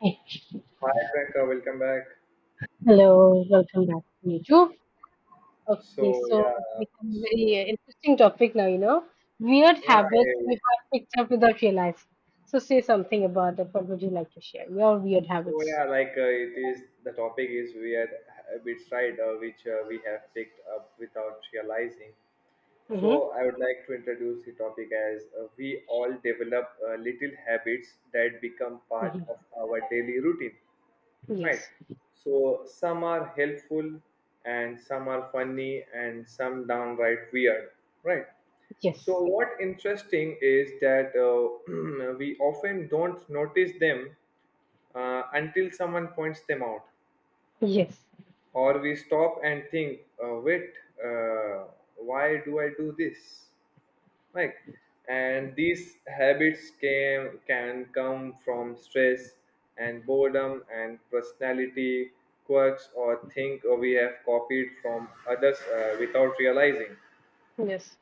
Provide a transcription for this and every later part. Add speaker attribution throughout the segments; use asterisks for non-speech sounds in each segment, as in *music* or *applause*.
Speaker 1: Hey,
Speaker 2: Hi Priyanka, welcome back.
Speaker 1: hello, welcome back to me too. Okay,
Speaker 2: So
Speaker 1: so
Speaker 2: yeah,
Speaker 1: we have a
Speaker 2: so
Speaker 1: very interesting topic now, you know, weird
Speaker 2: yeah,
Speaker 1: habits
Speaker 2: I-
Speaker 1: we have picked up without realizing. So say something about it. What would you like to share? Your weird
Speaker 2: so
Speaker 1: habits.
Speaker 2: yeah, like it is the topic is we had a bit side which we have picked up without realizing.
Speaker 1: Mm-hmm.
Speaker 2: So I would like to introduce the topic as we all develop little habits that become part
Speaker 1: Mm-hmm.
Speaker 2: of our daily routine. Right.
Speaker 1: Yes.
Speaker 2: So some are helpful and some are funny and some downright weird. Right. So
Speaker 1: Yes.
Speaker 2: what interesting is that *clears throat* we often don't notice them until someone points them out
Speaker 1: Yes.
Speaker 2: or we stop and think, wait, uh, why do I do this? Right, and these habits can come from stress and boredom and personality quirks or think or we have copied from others without realizing.
Speaker 1: Yes.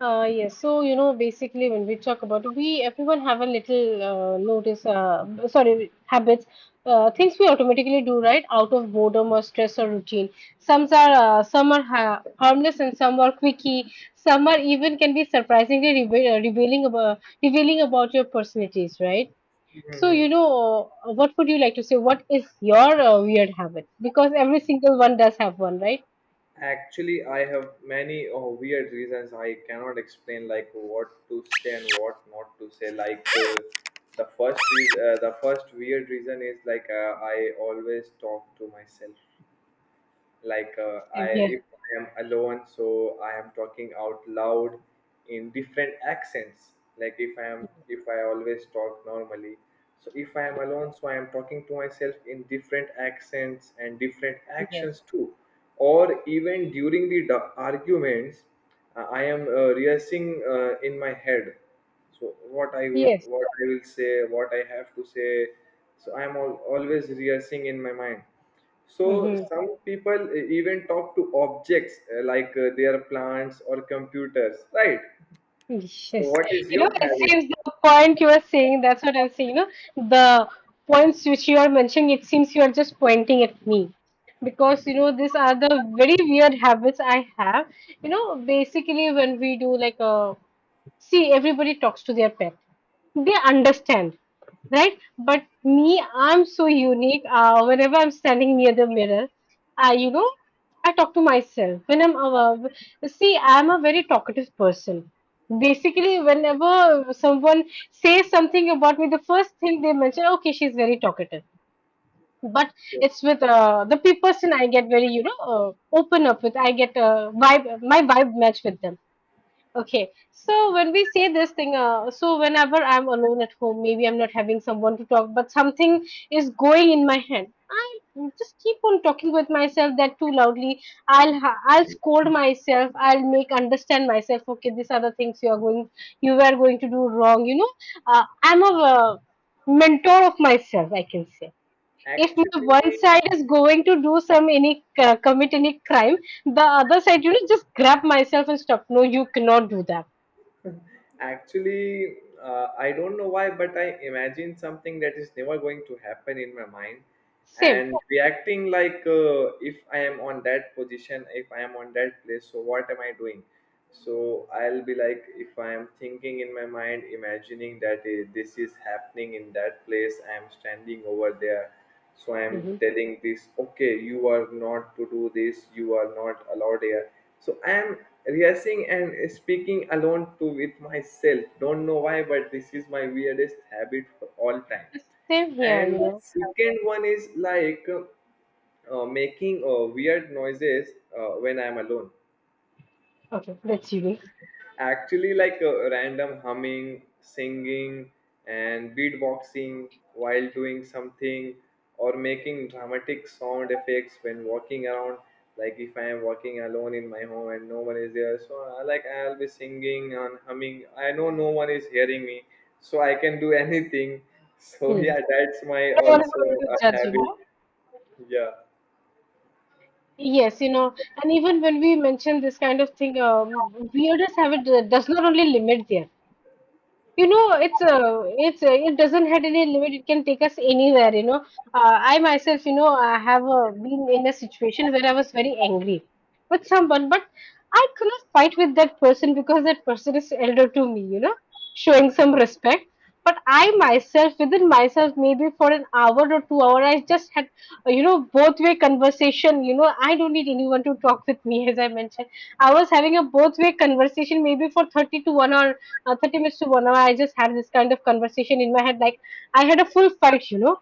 Speaker 1: Yes, so you know, basically, when we talk about we, everyone have a little notice, sorry, habits, things we automatically do, right, out of boredom or stress or routine. Some are ha harmless and some are quickie. Some are even can be surprisingly rebe revealing about your personalities, right? So
Speaker 2: Hmm.
Speaker 1: you know, what would you like to say? What is your weird habit? Because every single one does have one, right?
Speaker 2: Actually, I have many oh, weird reasons I cannot explain, like what to say and what not to say, the first is the first weird reason is I always talk to myself, I
Speaker 1: Yeah.
Speaker 2: if I am alone, so I am talking out loud in different accents, like if I am if I always talk normally, so if I am alone, so I am talking to myself in different accents and different actions
Speaker 1: Yes.
Speaker 2: too, or even during the arguments, I am rehearsing in my head, so what I would
Speaker 1: Yes.
Speaker 2: what I will say what I have to say, so I am always rehearsing in my mind. So
Speaker 1: Mm-hmm.
Speaker 2: some people even talk to objects, like their plants or computers, right?
Speaker 1: *laughs*
Speaker 2: So
Speaker 1: Yes,
Speaker 2: what is
Speaker 1: you know,
Speaker 2: your
Speaker 1: it
Speaker 2: habit?
Speaker 1: seems the point you are saying, that's what I'm saying. You know, the points which you are mentioning, it seems you are just pointing at me because you know, these are the very weird habits I have. You know, basically, when we do like a see everybody talks to their pet, they understand, right, but me I'm so unique. Whenever I'm standing near the mirror, I, you know, I talk to myself when I'm see I'm a very talkative person. Basically whenever someone says something about me, the first thing they mention, okay, she's very talkative, but
Speaker 2: So
Speaker 1: it's with person I get very, you know, open up with, I get vibe, my vibe match with them. Okay, so when we say this thing, so whenever I'm alone at home, maybe I'm not having someone to talk, but something is going in my head. I just keep on talking with myself that too loudly. I'll scold myself. I'll make understand myself. Okay, these are the things you are going, you were going to do wrong. You know, I'm a mentor of myself, I can say. If my one
Speaker 2: actually,
Speaker 1: side is going to do some any commit any crime, the other side, you know, just grab myself and stop, no, you cannot do that.
Speaker 2: Actually, I don't know why, but I imagine something that is never going to happen in my mind
Speaker 1: Same.
Speaker 2: and reacting like if I am on that position, if I am on that place, so what am I doing? So I'll be like, if I am thinking in my mind, imagining that this is happening in that place, I am standing over there. So I am
Speaker 1: Hmm.
Speaker 2: telling this, okay, you are not to do this, you are not allowed here, so I am rehearsing and speaking alone to with myself. Don't know why, but this is my weirdest habit for all time.
Speaker 1: Same here, you
Speaker 2: And
Speaker 1: know.
Speaker 2: second one is like making weird noises when I'm alone.
Speaker 1: Okay, that's unique.
Speaker 2: Actually, random humming, singing and beatboxing while doing something, or making dramatic sound effects when walking around. Like if I am walking alone in my home and no one is there, so I like I'll be singing and humming, I know no one is hearing me, so I can do *laughs* anything. So
Speaker 1: Yes.
Speaker 2: yeah, that's my
Speaker 1: No one is
Speaker 2: also
Speaker 1: going to
Speaker 2: a
Speaker 1: judge, you
Speaker 2: habit.
Speaker 1: know.
Speaker 2: Yeah.
Speaker 1: Yes, you know, and even when we mention this kind of thing, weirdness have it does not only limit there, you know. It's a, it doesn't have any limit, it can take us anywhere, you know. I myself, you know, I have been in a situation where I was very angry with someone, but I could not fight with that person because that person is elder to me, you know, showing some respect. But I myself within myself maybe for an hour or 2 hour I just had you know, both way conversation. You know, I don't need anyone to talk with me. *laughs* As I mentioned, I was having a both way conversation maybe for 30 to 1 hour, 30 minutes to 1 hour. I just had this kind of conversation in my head like I had a full fight, you know,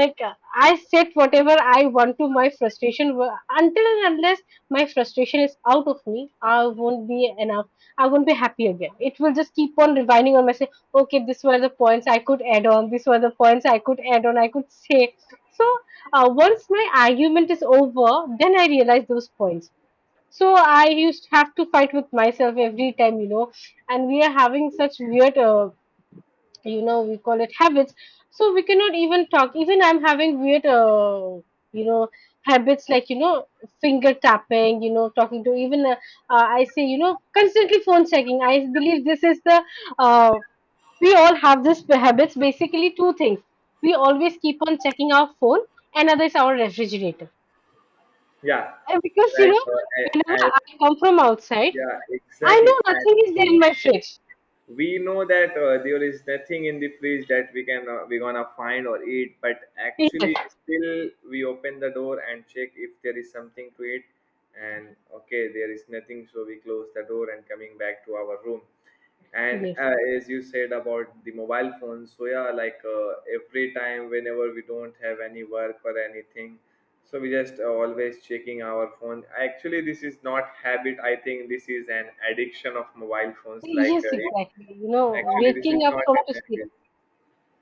Speaker 1: like uh, I said whatever I want to. Until and unless my frustration is out of me, I won't be enough, I won't be happy again. It will just keep on rewinding on myself. Okay, these were the points I could add on, I could say. So once my argument is over, then I realize those points. So I used to have to fight with myself every time, you know, and we are having such weird, you know, we call it habits. So we cannot even talk. Even I'm having weird, you know, habits like, you know, finger tapping, you know, talking to even, I say, you know, constantly phone checking. I believe this is the, uh, we all have this habits, basically two things. We always keep on checking our phone, another is our refrigerator.
Speaker 2: yeah
Speaker 1: And because, you
Speaker 2: like
Speaker 1: know,
Speaker 2: uh, I, I
Speaker 1: whenever I come from outside,
Speaker 2: Yeah,
Speaker 1: I
Speaker 2: exactly.
Speaker 1: know nothing is there
Speaker 2: Actually,
Speaker 1: in my fridge.
Speaker 2: we know that there is nothing in the fridge that we can we gonna find or eat, but
Speaker 1: Yes,
Speaker 2: actually still we open the door and check if there is something to eat, and okay, there is nothing, so we close the door and coming back to our room. And
Speaker 1: yes,
Speaker 2: as you said about the mobile phones, so yeah, every time whenever we don't have any work or anything, so we just always checking our phone. Actually, this is not habit, I think this is an addiction of mobile phones like
Speaker 1: yes,
Speaker 2: uh,
Speaker 1: exactly. You know,
Speaker 2: Actually, this is
Speaker 1: waking up
Speaker 2: not
Speaker 1: from
Speaker 2: an
Speaker 1: to sleep.
Speaker 2: airplane.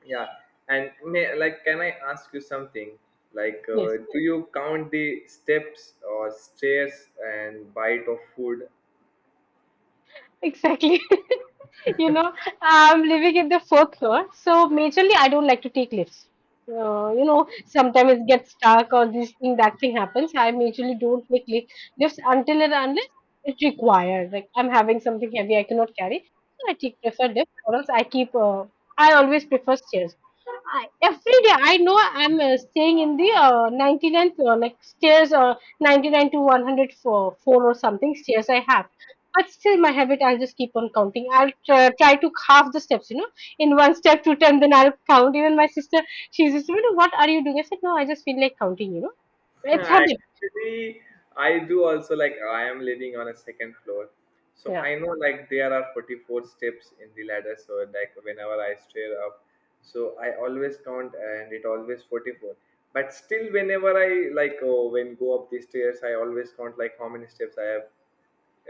Speaker 2: Yeah, and may, like, can I ask you something? Like,
Speaker 1: Yes.
Speaker 2: do you count the steps or stairs and bite of food?
Speaker 1: Exactly. *laughs* You know, I'm living in the fourth floor, so majorly I don't like to take lifts. You know, sometimes it gets stuck or this thing, that thing happens. I majorly don't take lifts until and unless it's required. Like I'm having something heavy I cannot carry, so I take prefer lift, or else I keep. I always prefer stairs. Every day I know I'm staying in the 99th floor, like stairs or 99 to 104 or something stairs I have. But still, my habit, I'll just keep on counting. Try to half the steps, you know, in one step, to 10, then I'll count. Even my sister, she's just, you know, what are you doing? I said, no, I just feel like counting, you know.
Speaker 2: *laughs*
Speaker 1: It's habit.
Speaker 2: Actually, I do also. Like, I am living on a second floor, so
Speaker 1: Yeah.
Speaker 2: I know like there are 44 steps in the ladder. So like, whenever I stair up, so I always count, and it always 44. But still, whenever I like, oh, when go up the stairs, I always count like how many steps I have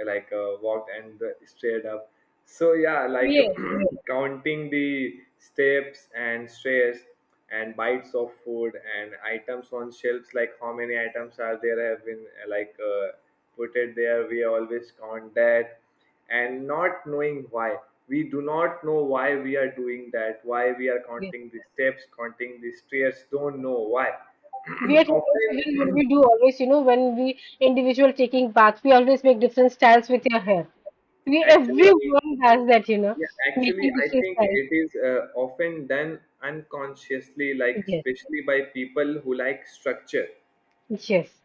Speaker 2: like uh, walked and straight up. So yeah, like
Speaker 1: Yeah.
Speaker 2: *clears throat* counting the steps and stairs and bites of food and items on shelves, like how many items are there have been put it there, we always count that, and not knowing why. We do not know why we are doing that, why we are
Speaker 1: Yeah.
Speaker 2: counting the steps, counting the stairs, don't know why. *clears throat*
Speaker 1: Weird habits, even when
Speaker 2: Often
Speaker 1: we do always, you know, when we individual taking bath, we always make different styles with your hair.
Speaker 2: *clears throat*
Speaker 1: We
Speaker 2: actually,
Speaker 1: everyone does that, you know,
Speaker 2: yeah, actually,
Speaker 1: making
Speaker 2: I
Speaker 1: different
Speaker 2: think
Speaker 1: styles.
Speaker 2: it is often done unconsciously, like
Speaker 1: Yes,
Speaker 2: especially by people who like structure.
Speaker 1: yes.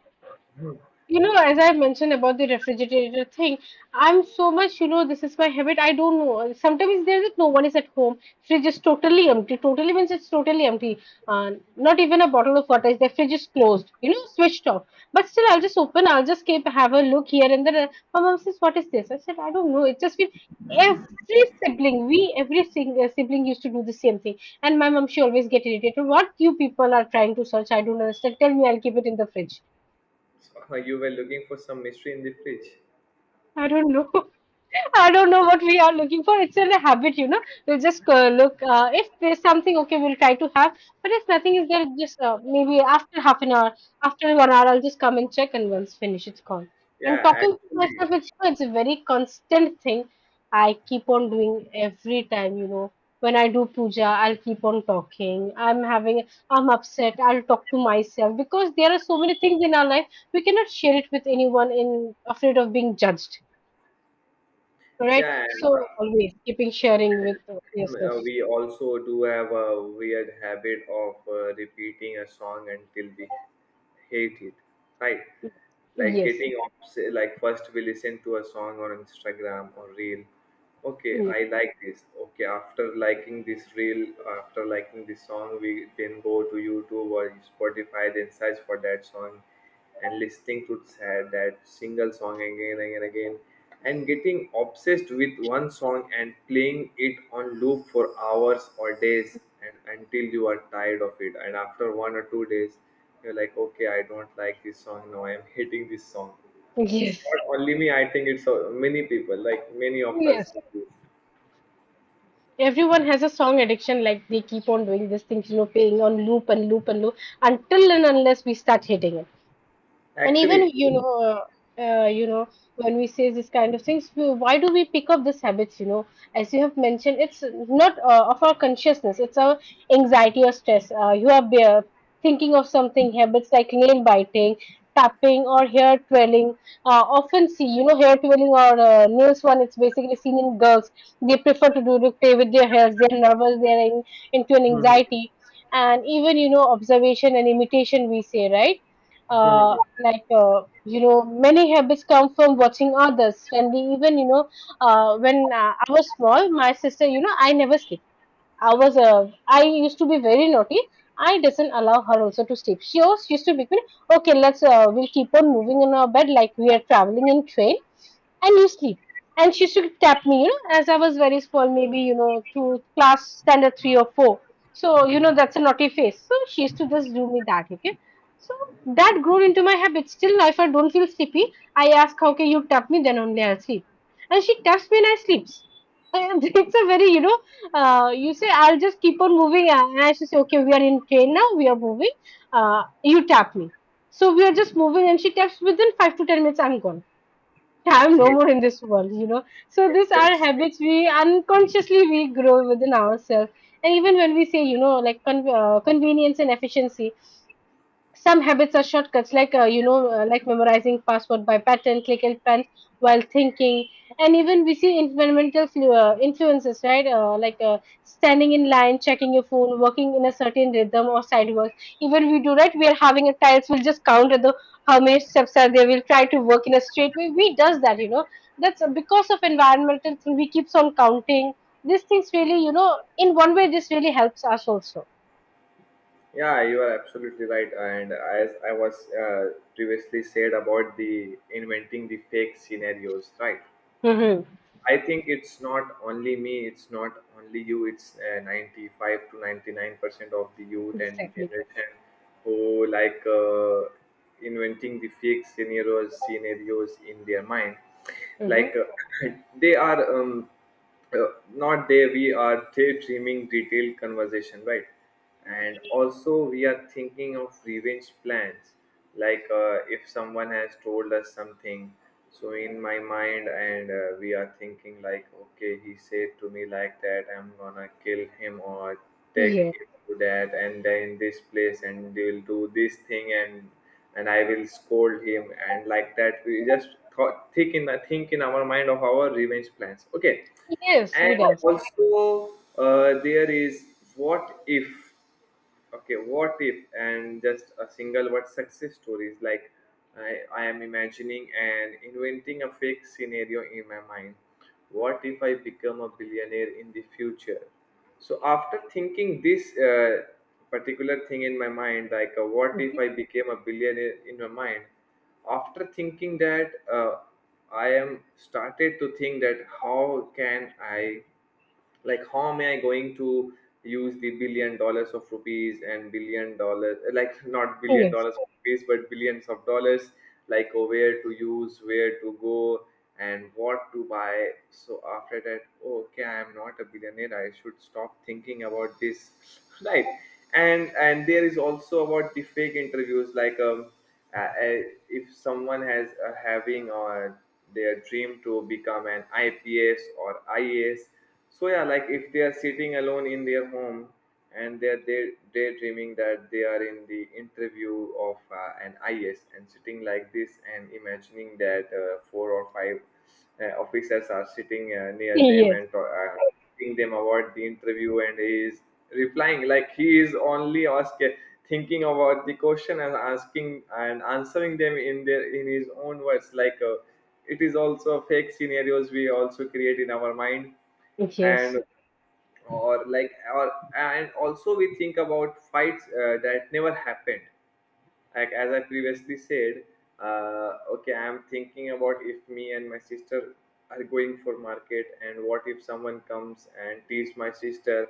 Speaker 2: Hmm.
Speaker 1: You know, as I mentioned about the refrigerator thing, I'm so much, you know, this is my habit. I don't know. Sometimes there's no one is at home. Fridge is totally empty. Totally means it's totally empty. Not even a bottle of water. Is The fridge is closed, you know, switched off. But still, I'll just open. I'll just keep have a look here and there. My mom says, "What is this?" I said, "I don't know. It's just been every sibling. We every single sibling used to do the same thing." And my mom, she always get irritated. What you people are trying to search, I don't understand. Tell me, I'll keep it in the fridge.
Speaker 2: So, *laughs* you were looking for some mystery in the fridge.
Speaker 1: I don't know. *laughs* I don't know what we are looking for. It's a habit, you know. We'll just look. If there's something, okay, we'll try to have. But if nothing is there, just maybe after half an hour, after 1 hour, I'll just come and check, and once finished, it's gone. And
Speaker 2: Yeah,
Speaker 1: talking to
Speaker 2: actually.
Speaker 1: myself, it's a very constant thing. I keep on doing every time, you know. When I do puja, I'll keep on talking. I'm upset. I'll talk to myself because there are so many things in our life we cannot share it with anyone in afraid of being judged. Right.
Speaker 2: Yeah,
Speaker 1: So always keeping sharing with yes, yes,
Speaker 2: We also do have a weird habit of repeating a song until we hate it, right? Like
Speaker 1: yes,
Speaker 2: getting like first we listen to a song on Instagram or reel. Okay,
Speaker 1: yes,
Speaker 2: I like this. Okay, after liking this reel, after liking this song, we then go to YouTube or Spotify, then search for that song and listening to that single song again and again, and getting obsessed with one song and playing it on loop for hours or days, and until you are tired of it, and after one or two days you're like okay I don't like this song now, I am hating this song. It's
Speaker 1: yes,
Speaker 2: not only me, I think it's many people, like many of us
Speaker 1: yes.
Speaker 2: do this.
Speaker 1: Everyone has a song addiction, like they keep on doing these things, you know, playing on loop and loop and loop until and unless we start hitting it. And even
Speaker 2: Actually,
Speaker 1: you know you know, when we say this kind of things, we, why do we pick up these habits, you know, as you have mentioned. It's not of our consciousness, it's our anxiety or stress. You are thinking of something, habits like nail biting, tapping or hair twirling. Often see, you know, hair twirling or nails one, it's basically seen in girls, they prefer to do to play with their hairs, they're nervous, they're into an anxiety. And even, you know, observation and imitation we say, right, you know, many habits come from watching others. And we even you know when I was small, my sister, you know, I never sleep. I used to be very naughty. I doesn't allow her also to sleep. She also used to be okay, let's we'll keep on moving in our bed like we are traveling in train and you sleep. And she used to tap me, you know, as I was very small, maybe, you know, to class standard 3 or 4. So, you know, that's a naughty face. So she used to just do me that, okay? So that grew into my habit. Still, if I don't feel sleepy, I ask, okay, you tap me, then only I'll sleep. And she taps me and I sleep. And *laughs* it's a very, you know, you say, I'll just keep on moving. And I should say, okay, we are in train now, we are moving. You tap me. So we are just moving and she taps within 5 to 10 minutes, I'm gone. *laughs* I'm no
Speaker 2: *laughs*
Speaker 1: more in this world, you know.
Speaker 2: *laughs*
Speaker 1: So these are
Speaker 2: interesting.
Speaker 1: habits we unconsciously we grow within ourselves, and even when we say, like convenience and efficiency. Some habits are shortcuts, like like memorizing password by pattern, click and pen while thinking. And even we see environmental influences, right? Like standing in line, checking your phone, working in a certain rhythm, or side work. Even we do, right? We are having a tiles, we'll just count at the how many steps are there, we'll try to work in a straight way. We does that, you know. That's because of environmental thing, we keeps on counting. These things really, you know, in one way this really helps us also.
Speaker 2: Yeah, you are absolutely right. And as I was previously said about the inventing the fake scenarios, right?
Speaker 1: Mm-hmm.
Speaker 2: I think it's not only me, it's not only you, it's 95 to 99% of the youth and the
Speaker 1: Exactly.
Speaker 2: generation who like inventing the fake scenarios, scenarios in their mind. Like
Speaker 1: Mm-hmm.
Speaker 2: uh, *clears throat* they are. Uh, not there, we are daydreaming detailed conversation, right? And also we are thinking of revenge plans, if someone has told us something, so in my mind and we are thinking like okay he said to me like that, I'm gonna kill him or take
Speaker 1: Yeah.
Speaker 2: him to that and then this place and they will do this thing and I will scold him, and like that we just thought, think in our mind of our revenge plans. Okay,
Speaker 1: Yes,
Speaker 2: and
Speaker 1: we does.
Speaker 2: also there is what if, okay what if, and just a single word success stories like I am imagining and inventing a fake scenario in my mind, what if I become a billionaire in the future. So after thinking this particular thing in my mind, like what if
Speaker 1: Mhm.
Speaker 2: I became a billionaire in my mind, after thinking that, uh, I am started to think that how can I, like how am I going to use the billion dollars of rupees and billion dollars, like not billion
Speaker 1: Yes,
Speaker 2: dollars of rupees but billions of dollars, like oh, where to use, where to go and what to buy. So after that, oh, okay I am not a billionaire, I should stop thinking about this. *laughs* Right. And there is also about the fake interviews, uh, uh, if someone has having their dream to become an IPS or IAS, so yeah, like if they are sitting alone in their home and they're daydreaming that they are in the interview of an IAS and sitting like this and imagining that four or five officers are sitting near them
Speaker 1: yes,
Speaker 2: and uh, asking them about the interview, and he is replying like he is only asking, thinking about the question and asking and answering them in their in his own words, it is also fake scenarios we also create in our mind.
Speaker 1: yes.
Speaker 2: And or like or and also we think about fights that never happened, like as I previously said, okay, I'm thinking about if me and my sister are going for market, and what if someone comes and tease my sister,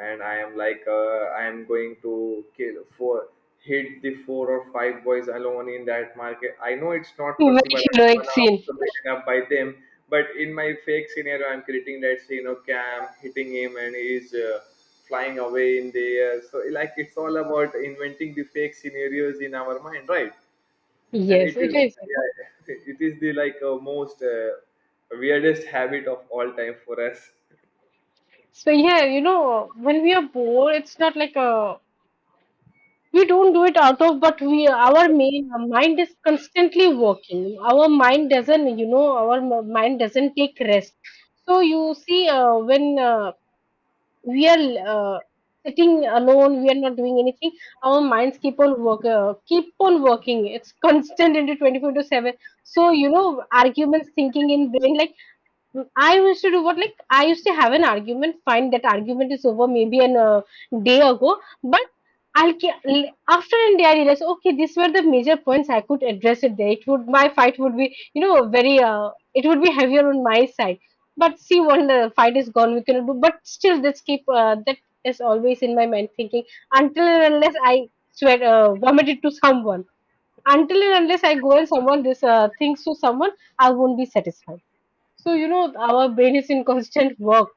Speaker 2: and I am like, I am going to kill four, hit the four or five boys alone in that market. I know it's not possible,
Speaker 1: Very
Speaker 2: I'm
Speaker 1: heroic
Speaker 2: gonna
Speaker 1: scene.
Speaker 2: also be beaten up by them, but in my fake scenario, I'm creating that scene. Okay, I'm hitting him, and he's. Flying away in the air. So like it's all about inventing the fake scenarios in our mind, right? And
Speaker 1: Yes,
Speaker 2: it
Speaker 1: it
Speaker 2: is,
Speaker 1: is,
Speaker 2: yeah, *laughs* it is the most weirdest habit of all time for us.
Speaker 1: So yeah, you know, when we are bored, it's not like a, we don't do it out of, but we our main our mind is constantly working. Our mind doesn't, our mind doesn't take rest. So you see, when we are sitting alone, we are not doing anything. Our minds keep on work keep on working. It's constant into 24 to 7. So you know, arguments thinking in brain, like I used to do what, like I used to have an argument. Fine, that argument is over maybe an day ago, but after a day I realized, okay, these were the major points, I could address it there. It would, my fight would be, you know, very it would be heavier on my side. But see, when the fight is gone, we cannot do. But still, this keep that is always in my mind thinking until and unless I swear vomit it to someone. Until and unless I go and someone this things to someone, I won't be satisfied. So you know, our brain is in constant work.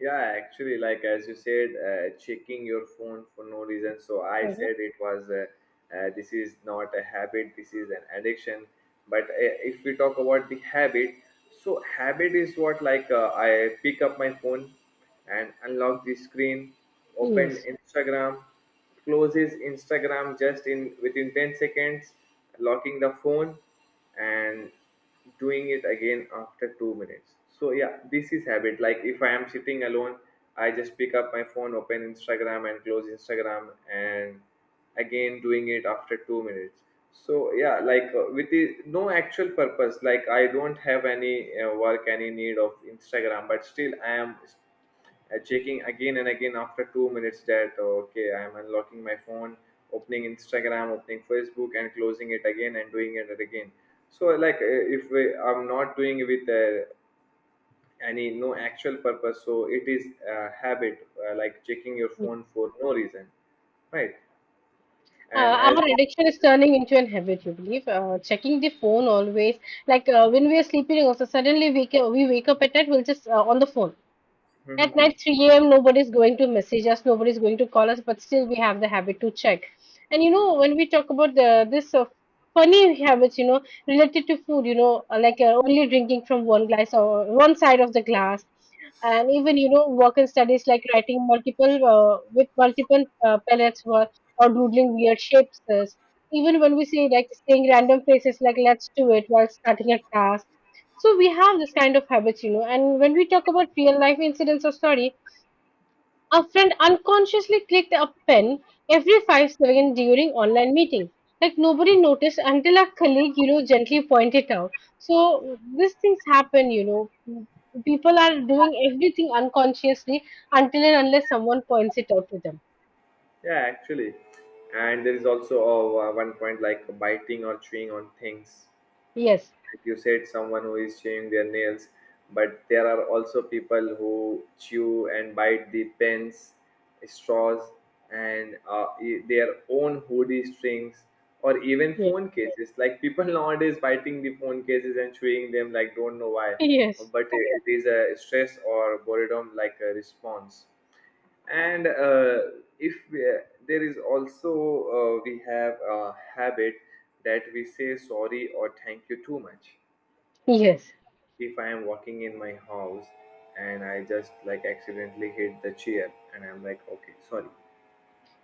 Speaker 2: Yeah, actually, like as you said, checking your phone for no reason. So I
Speaker 1: You know.
Speaker 2: said it was this is not a habit, this is an addiction. But if we talk about the habit, so habit is what like I pick up my phone and unlock the screen, open
Speaker 1: Yes.
Speaker 2: Instagram, closes Instagram just in within 10 seconds, locking the phone and doing it again after 2 minutes. So yeah, this is habit. Like if I am sitting alone, I just pick up my phone, open Instagram and close Instagram and again doing it after 2 minutes. So yeah, no actual purpose. Like I don't have any work, any need of Instagram, but still I am checking again and again after 2 minutes. That Okay, I'm unlocking my phone, opening Instagram, opening Facebook, and closing it again and doing it again. So like if we, I'm not doing it with any no actual purpose, so it is a habit, like checking your phone for no reason, right? And as
Speaker 1: Our addiction is turning into an habit, you believe. Checking the phone always. Like when we are sleeping, also suddenly we, we wake up at night, we'll just on the phone. At night,
Speaker 2: *laughs*
Speaker 1: 3 a.m., nobody's going to message us, nobody's going to call us, but still we have the habit to check. And you know, when we talk about the, this funny habits, you know, related to food, you know, like only drinking from one glass or one side of the glass, and even you know, work and studies, like writing multiple with multiple pellets, or doodling weird shapes. Even when we say, like saying random phrases like "let's do it" while starting a task. So we have this kind of habits, you know, and when we talk about real life incidents or story, a friend unconsciously clicked a pen every 5 seconds during online meeting. Like nobody noticed until a colleague, you know, gently pointed out. So these things happen, you know. People are doing everything unconsciously until and unless someone points it out to them.
Speaker 2: yeah actually, and there is also one point, like biting or chewing on things.
Speaker 1: Yes.
Speaker 2: Like you said, someone who is chewing their nails, but there are also people who chew and bite the pens, straws, and their own hoodie strings, or even
Speaker 1: Yes.
Speaker 2: phone cases. Like people nowadays biting the phone cases and chewing them, like don't know why.
Speaker 1: Yes.
Speaker 2: But it is a stress or boredom, like a response. And if we, there is also we have a habit that we say sorry or thank you too much.
Speaker 1: Yes.
Speaker 2: If I am walking in my house and I just like accidentally hit the chair, and I'm like, okay, sorry.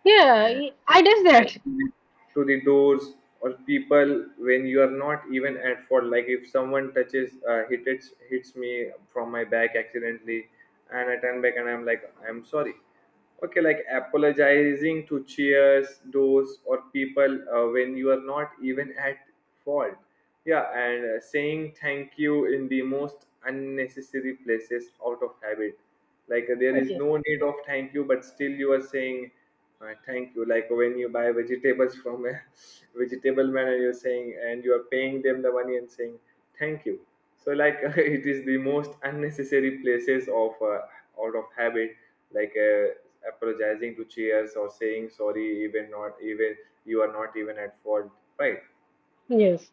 Speaker 1: Yeah. I does that.
Speaker 2: And to the doors, or people, when you are not even at fault. Like if someone touches, hits, hits me from my back accidentally and I turn back and I'm like, I'm sorry. Okay, like apologizing to cheers, doors, or people, when you are not even at fault. Yeah, and saying thank you in the most unnecessary places out of habit. Like there is
Speaker 1: Yes.
Speaker 2: no need of thank you, but still you are saying thank you. Like when you buy vegetables from a *laughs* vegetable man and you're saying, and you are paying them the money and saying, thank you. So, like, *laughs* it is the most unnecessary places of out of habit, like apologizing to cheers or saying sorry, even not even you are not even at fault, right?
Speaker 1: Yes.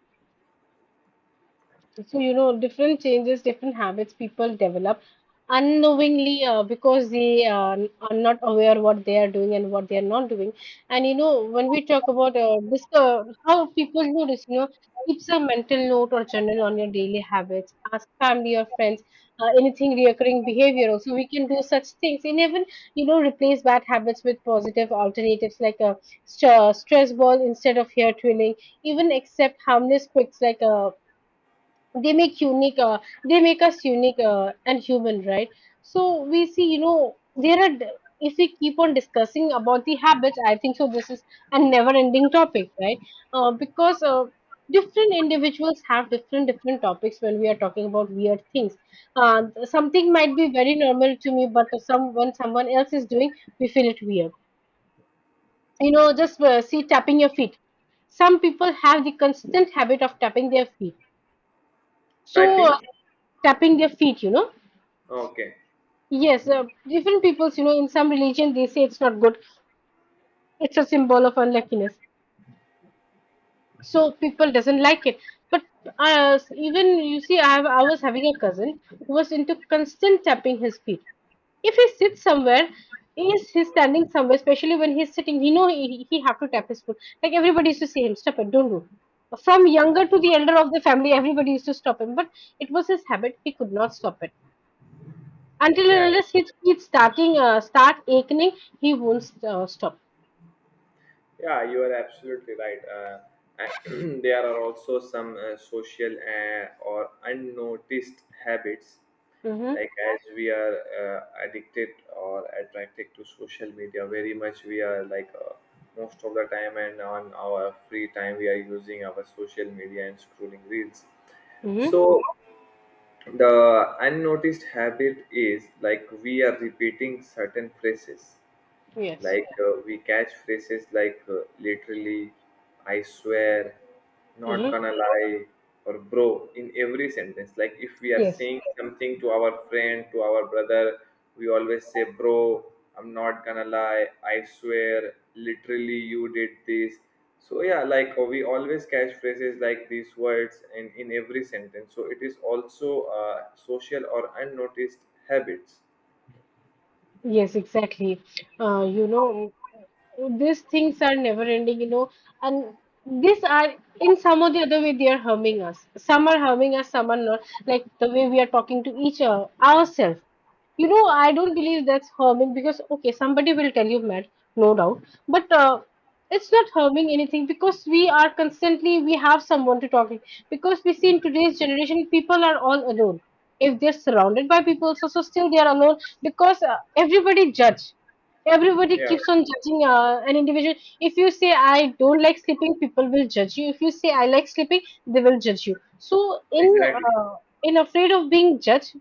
Speaker 1: So you know, different changes, different habits people develop unknowingly, because they are not aware what they are doing and what they are not doing. And you know, when we talk about this, how people do this, you know, keeps a mental note or journal on your daily habits, ask family or friends, anything reoccurring behavior, also we can do such things. And even you know, replace bad habits with positive alternatives, like a stress ball instead of hair twirling. Even accept harmless quicks, like a they make unique they make us unique, and human, right? So we see, you know, there are if we keep on discussing about the habits, I think so this is a never ending topic, right? Because different individuals have different different topics when we are talking about weird things. Something might be very normal to me, but some when someone else is doing, we feel it weird. You know, just see, tapping your feet. Some people have the constant habit of tapping their feet. So
Speaker 2: Typing,
Speaker 1: tapping their feet, you know.
Speaker 2: okay,
Speaker 1: Yes, different peoples, you know, in some religion they say it's not good, it's a symbol of unluckiness, so people doesn't like it. But uh, even you see, I was having a cousin who was into constant tapping his feet. If he sits somewhere, is he's standing somewhere, especially when he's sitting, he have to tap his foot. Like everybody used to say him stop it, don't do. From younger to the elder of the family, everybody used to stop him, but it was his habit, he could not stop it. Until
Speaker 2: yeah,
Speaker 1: and unless his feet start aching, he won't stop.
Speaker 2: yeah, you are absolutely right. And *clears throat* there are also some social or unnoticed habits,
Speaker 1: Mm-hmm.
Speaker 2: like as we are addicted or attracted to social media very much. We are like most of the time, and on our free time, we are using our social media and scrolling reels.
Speaker 1: Mm-hmm.
Speaker 2: So the unnoticed habit is like we are repeating certain phrases,
Speaker 1: Yes.
Speaker 2: like we catch phrases like, literally, I swear, not
Speaker 1: Mm-hmm.
Speaker 2: gonna lie, or bro in every sentence. Like if we are
Speaker 1: Yes.
Speaker 2: saying something to our friend, to our brother, we always say, bro, I'm not gonna lie, I swear, literally, you did this. So yeah, like we always catch phrases like these words in every sentence. So it is also social or unnoticed habits.
Speaker 1: Yes, exactly. You know, these things are never ending, you know, and these are in some or the other way they are harming us. Some are harming us, some are not. Like the way we are talking to each other, ourselves. You know, I don't believe that's harming, because okay, somebody will tell you mad, no doubt, but it's not harming anything because we are constantly, we have someone to talk to. Because we see in today's generation, people are all alone. If they're surrounded by people, so so still they are alone, because everybody judge, everybody
Speaker 2: Yeah,
Speaker 1: keeps on judging an individual. If you say I don't like sleeping, people will judge you. If you say I like sleeping, they will judge you. So in
Speaker 2: exactly.
Speaker 1: uh, in afraid of being judged,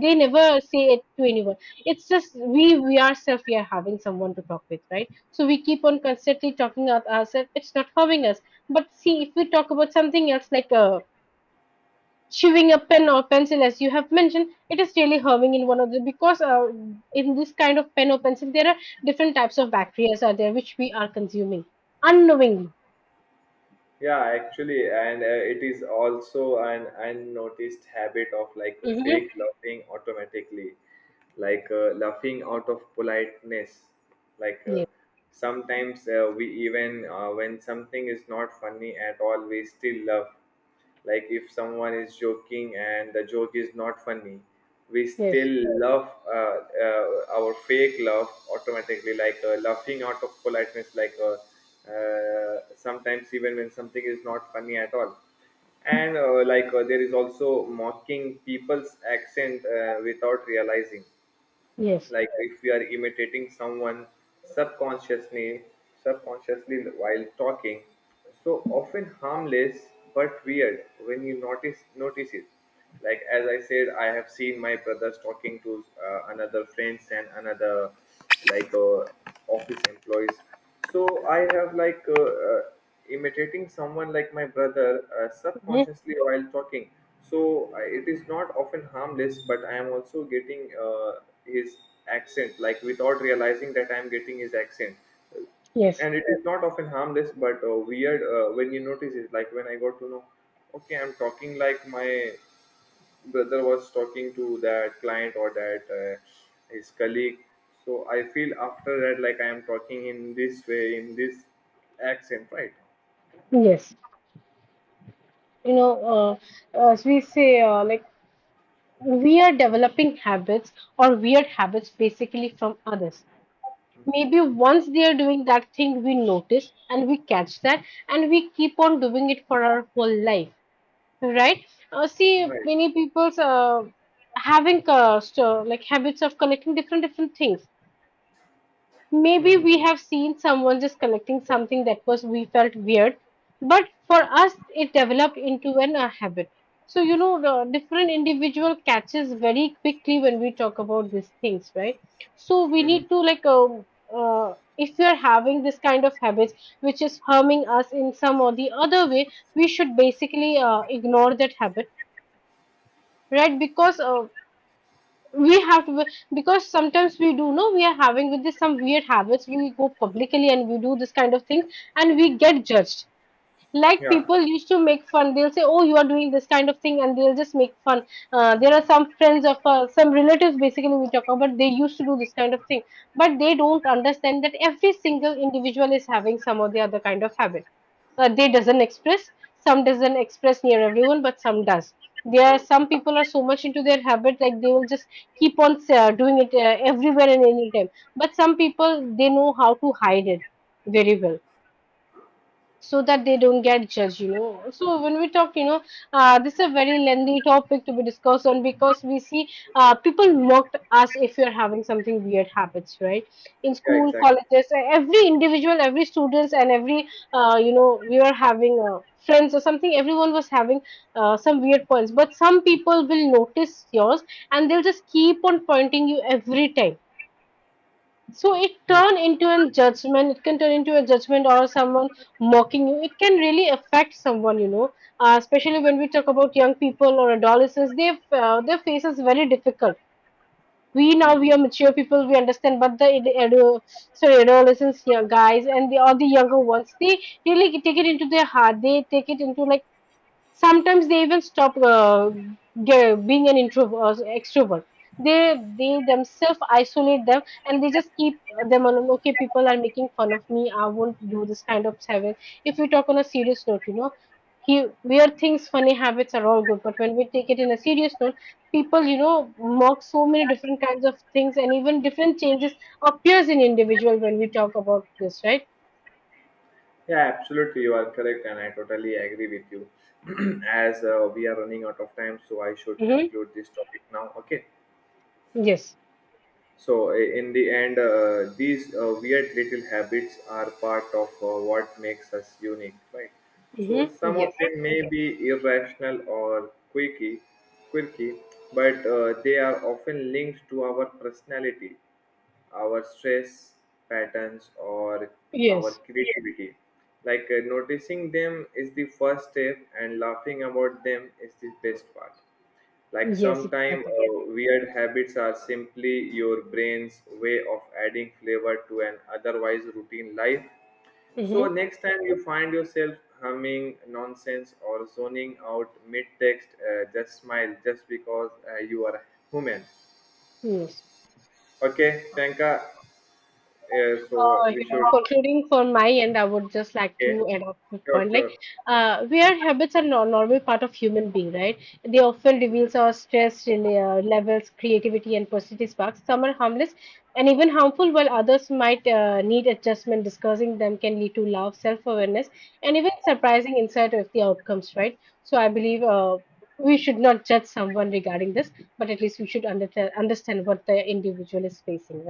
Speaker 1: they never say it to anyone. It's just we ourselves, we are having someone to talk with, right? So we keep on constantly talking about ourselves, it's not harming us. But see, if we talk about something else, like chewing a pen or pencil, as you have mentioned, it is really harming in one of the, because in this kind of pen or pencil, there are different types of bacteria are there, which we are consuming unknowingly.
Speaker 2: Yeah, actually, and it is also an unnoticed habit of like
Speaker 1: Hmm.
Speaker 2: fake loving automatically, like laughing out of politeness, like
Speaker 1: Yes,
Speaker 2: sometimes we even when something is not funny at all, we still laugh. Like if someone is joking and the joke is not funny, we
Speaker 1: yes,
Speaker 2: still laugh. Our fake laugh automatically, like laughing out of politeness, like sometimes even when something is not funny at all. And there is also mocking people's accent without realizing.
Speaker 1: yes.
Speaker 2: Like if we are imitating someone subconsciously, while talking, so often harmless, but weird when you notice it. Like as I said, I have seen my brothers talking to another friends, and another, like office employees. So I have like imitating someone, like my brother,
Speaker 1: Mhm.
Speaker 2: subconsciously while talking. So I, it is not often harmless, but I am also getting uh, his accent, like without realizing that I am getting his accent.
Speaker 1: Yes,
Speaker 2: And it is not often harmless, but weird when you notice it. Like when I got to know, okay, I'm talking like my brother was talking to that client, or that his colleague. So I feel after that, like I am talking in this way, in this accent, right?
Speaker 1: yes. You know, as we say, like we are developing habits or weird habits basically from others.
Speaker 2: Mhm.
Speaker 1: Maybe once they are doing that thing, we notice and we catch that, and we keep on doing it for our whole life. Right? See,
Speaker 2: Right.
Speaker 1: many people's having so, like habits of collecting different different things. Maybe we
Speaker 2: Mm-hmm.
Speaker 1: have seen someone just collecting something that was we felt weird, but for us it developed into an a habit. So you know, the different individual catches very quickly when we talk about these things, right? So we
Speaker 2: Mm-hmm.
Speaker 1: need to like if we are having this kind of habits which is harming us in some or the other way, we should basically ignore that habit, right? Because we have to, because sometimes we do know, we are having with this some weird habits, we go publicly and we do this kind of thing and we get judged. Like
Speaker 2: Yeah.
Speaker 1: people used to make fun, they'll say, oh you are doing this kind of thing, and they'll just make fun. There are some friends of some relatives basically we talk about, they used to do this kind of thing. But they don't understand that every single individual is having some or the other kind of habit. They doesn't express, some doesn't express near everyone, but some does. There are some people are so much into their habit, like they will just keep on doing it everywhere and anytime. But some people they know how to hide it very well, so that they don't get judged, you know. So when we talk, you know, this is a very lengthy topic to be discussed on, because we see people mocked us if you're having something weird habits, right? In
Speaker 2: Yeah,
Speaker 1: school,
Speaker 2: exactly.
Speaker 1: colleges, every individual, every students, and every you know, we were having friends or something, everyone was having some weird points, but some people will notice yours and they'll just keep on pointing you every time. So it turn into a judgment. It can turn into a judgment, or someone mocking you. It can really affect someone, you know. Especially when we talk about young people or adolescents, they their faces very difficult. We now,
Speaker 2: Mm-hmm.
Speaker 1: we are mature people, we understand, but the ado- sorry, adolescents, yeah, guys, and the all the younger ones, they really take it into their heart. They take it into, like sometimes they even stop being an introvert or extrovert. they they themselves isolate them and they just keep them alone, okay, people are making fun of me, I won't do this kind of habit. If we talk on a serious note, you know, he weird things, funny habits are all good, but when we take it in a serious note, people, you know, mock so many different kinds of things, and even different changes appears in individual when we talk about this, right?
Speaker 2: Yeah, absolutely, you are correct and I totally agree with you. *clears throat* As we are running out of time, so I should
Speaker 1: Mm-hmm.
Speaker 2: conclude this topic now. Okay.
Speaker 1: Yes.
Speaker 2: So, in the end, these weird little habits are part of what makes us unique, right? So,
Speaker 1: Mm-hmm.
Speaker 2: some of
Speaker 1: Yes.
Speaker 2: them may be irrational or quirky, quirky, but they are often linked to our personality, our stress patterns, or our
Speaker 1: Yes.
Speaker 2: creativity. Noticing them is the first step, and laughing about them is the best part. Like
Speaker 1: Yes,
Speaker 2: sometimes,
Speaker 1: exactly.
Speaker 2: weird habits are simply your brain's way of adding flavor to an otherwise routine life. So
Speaker 1: Hmm.
Speaker 2: next time you find yourself humming nonsense or zoning out mid text, just smile, just because you are human.
Speaker 1: Yes.
Speaker 2: Okay, tanka. So we
Speaker 1: You
Speaker 2: should
Speaker 1: know, concluding from my end, I would just like
Speaker 2: Okay,
Speaker 1: to add up a
Speaker 2: sure,
Speaker 1: point. Like,
Speaker 2: sure.
Speaker 1: where habits are nor normal part of human being, right? They often
Speaker 2: Mhm.
Speaker 1: reveals our stress in, levels, creativity, and positive sparks. Some are harmless and even harmful, while others might need adjustment. Discussing them can lead to love, self-awareness, and even surprising insight of the outcomes, right? So I believe we should not judge someone regarding this, but at least we should understand what the individual is facing.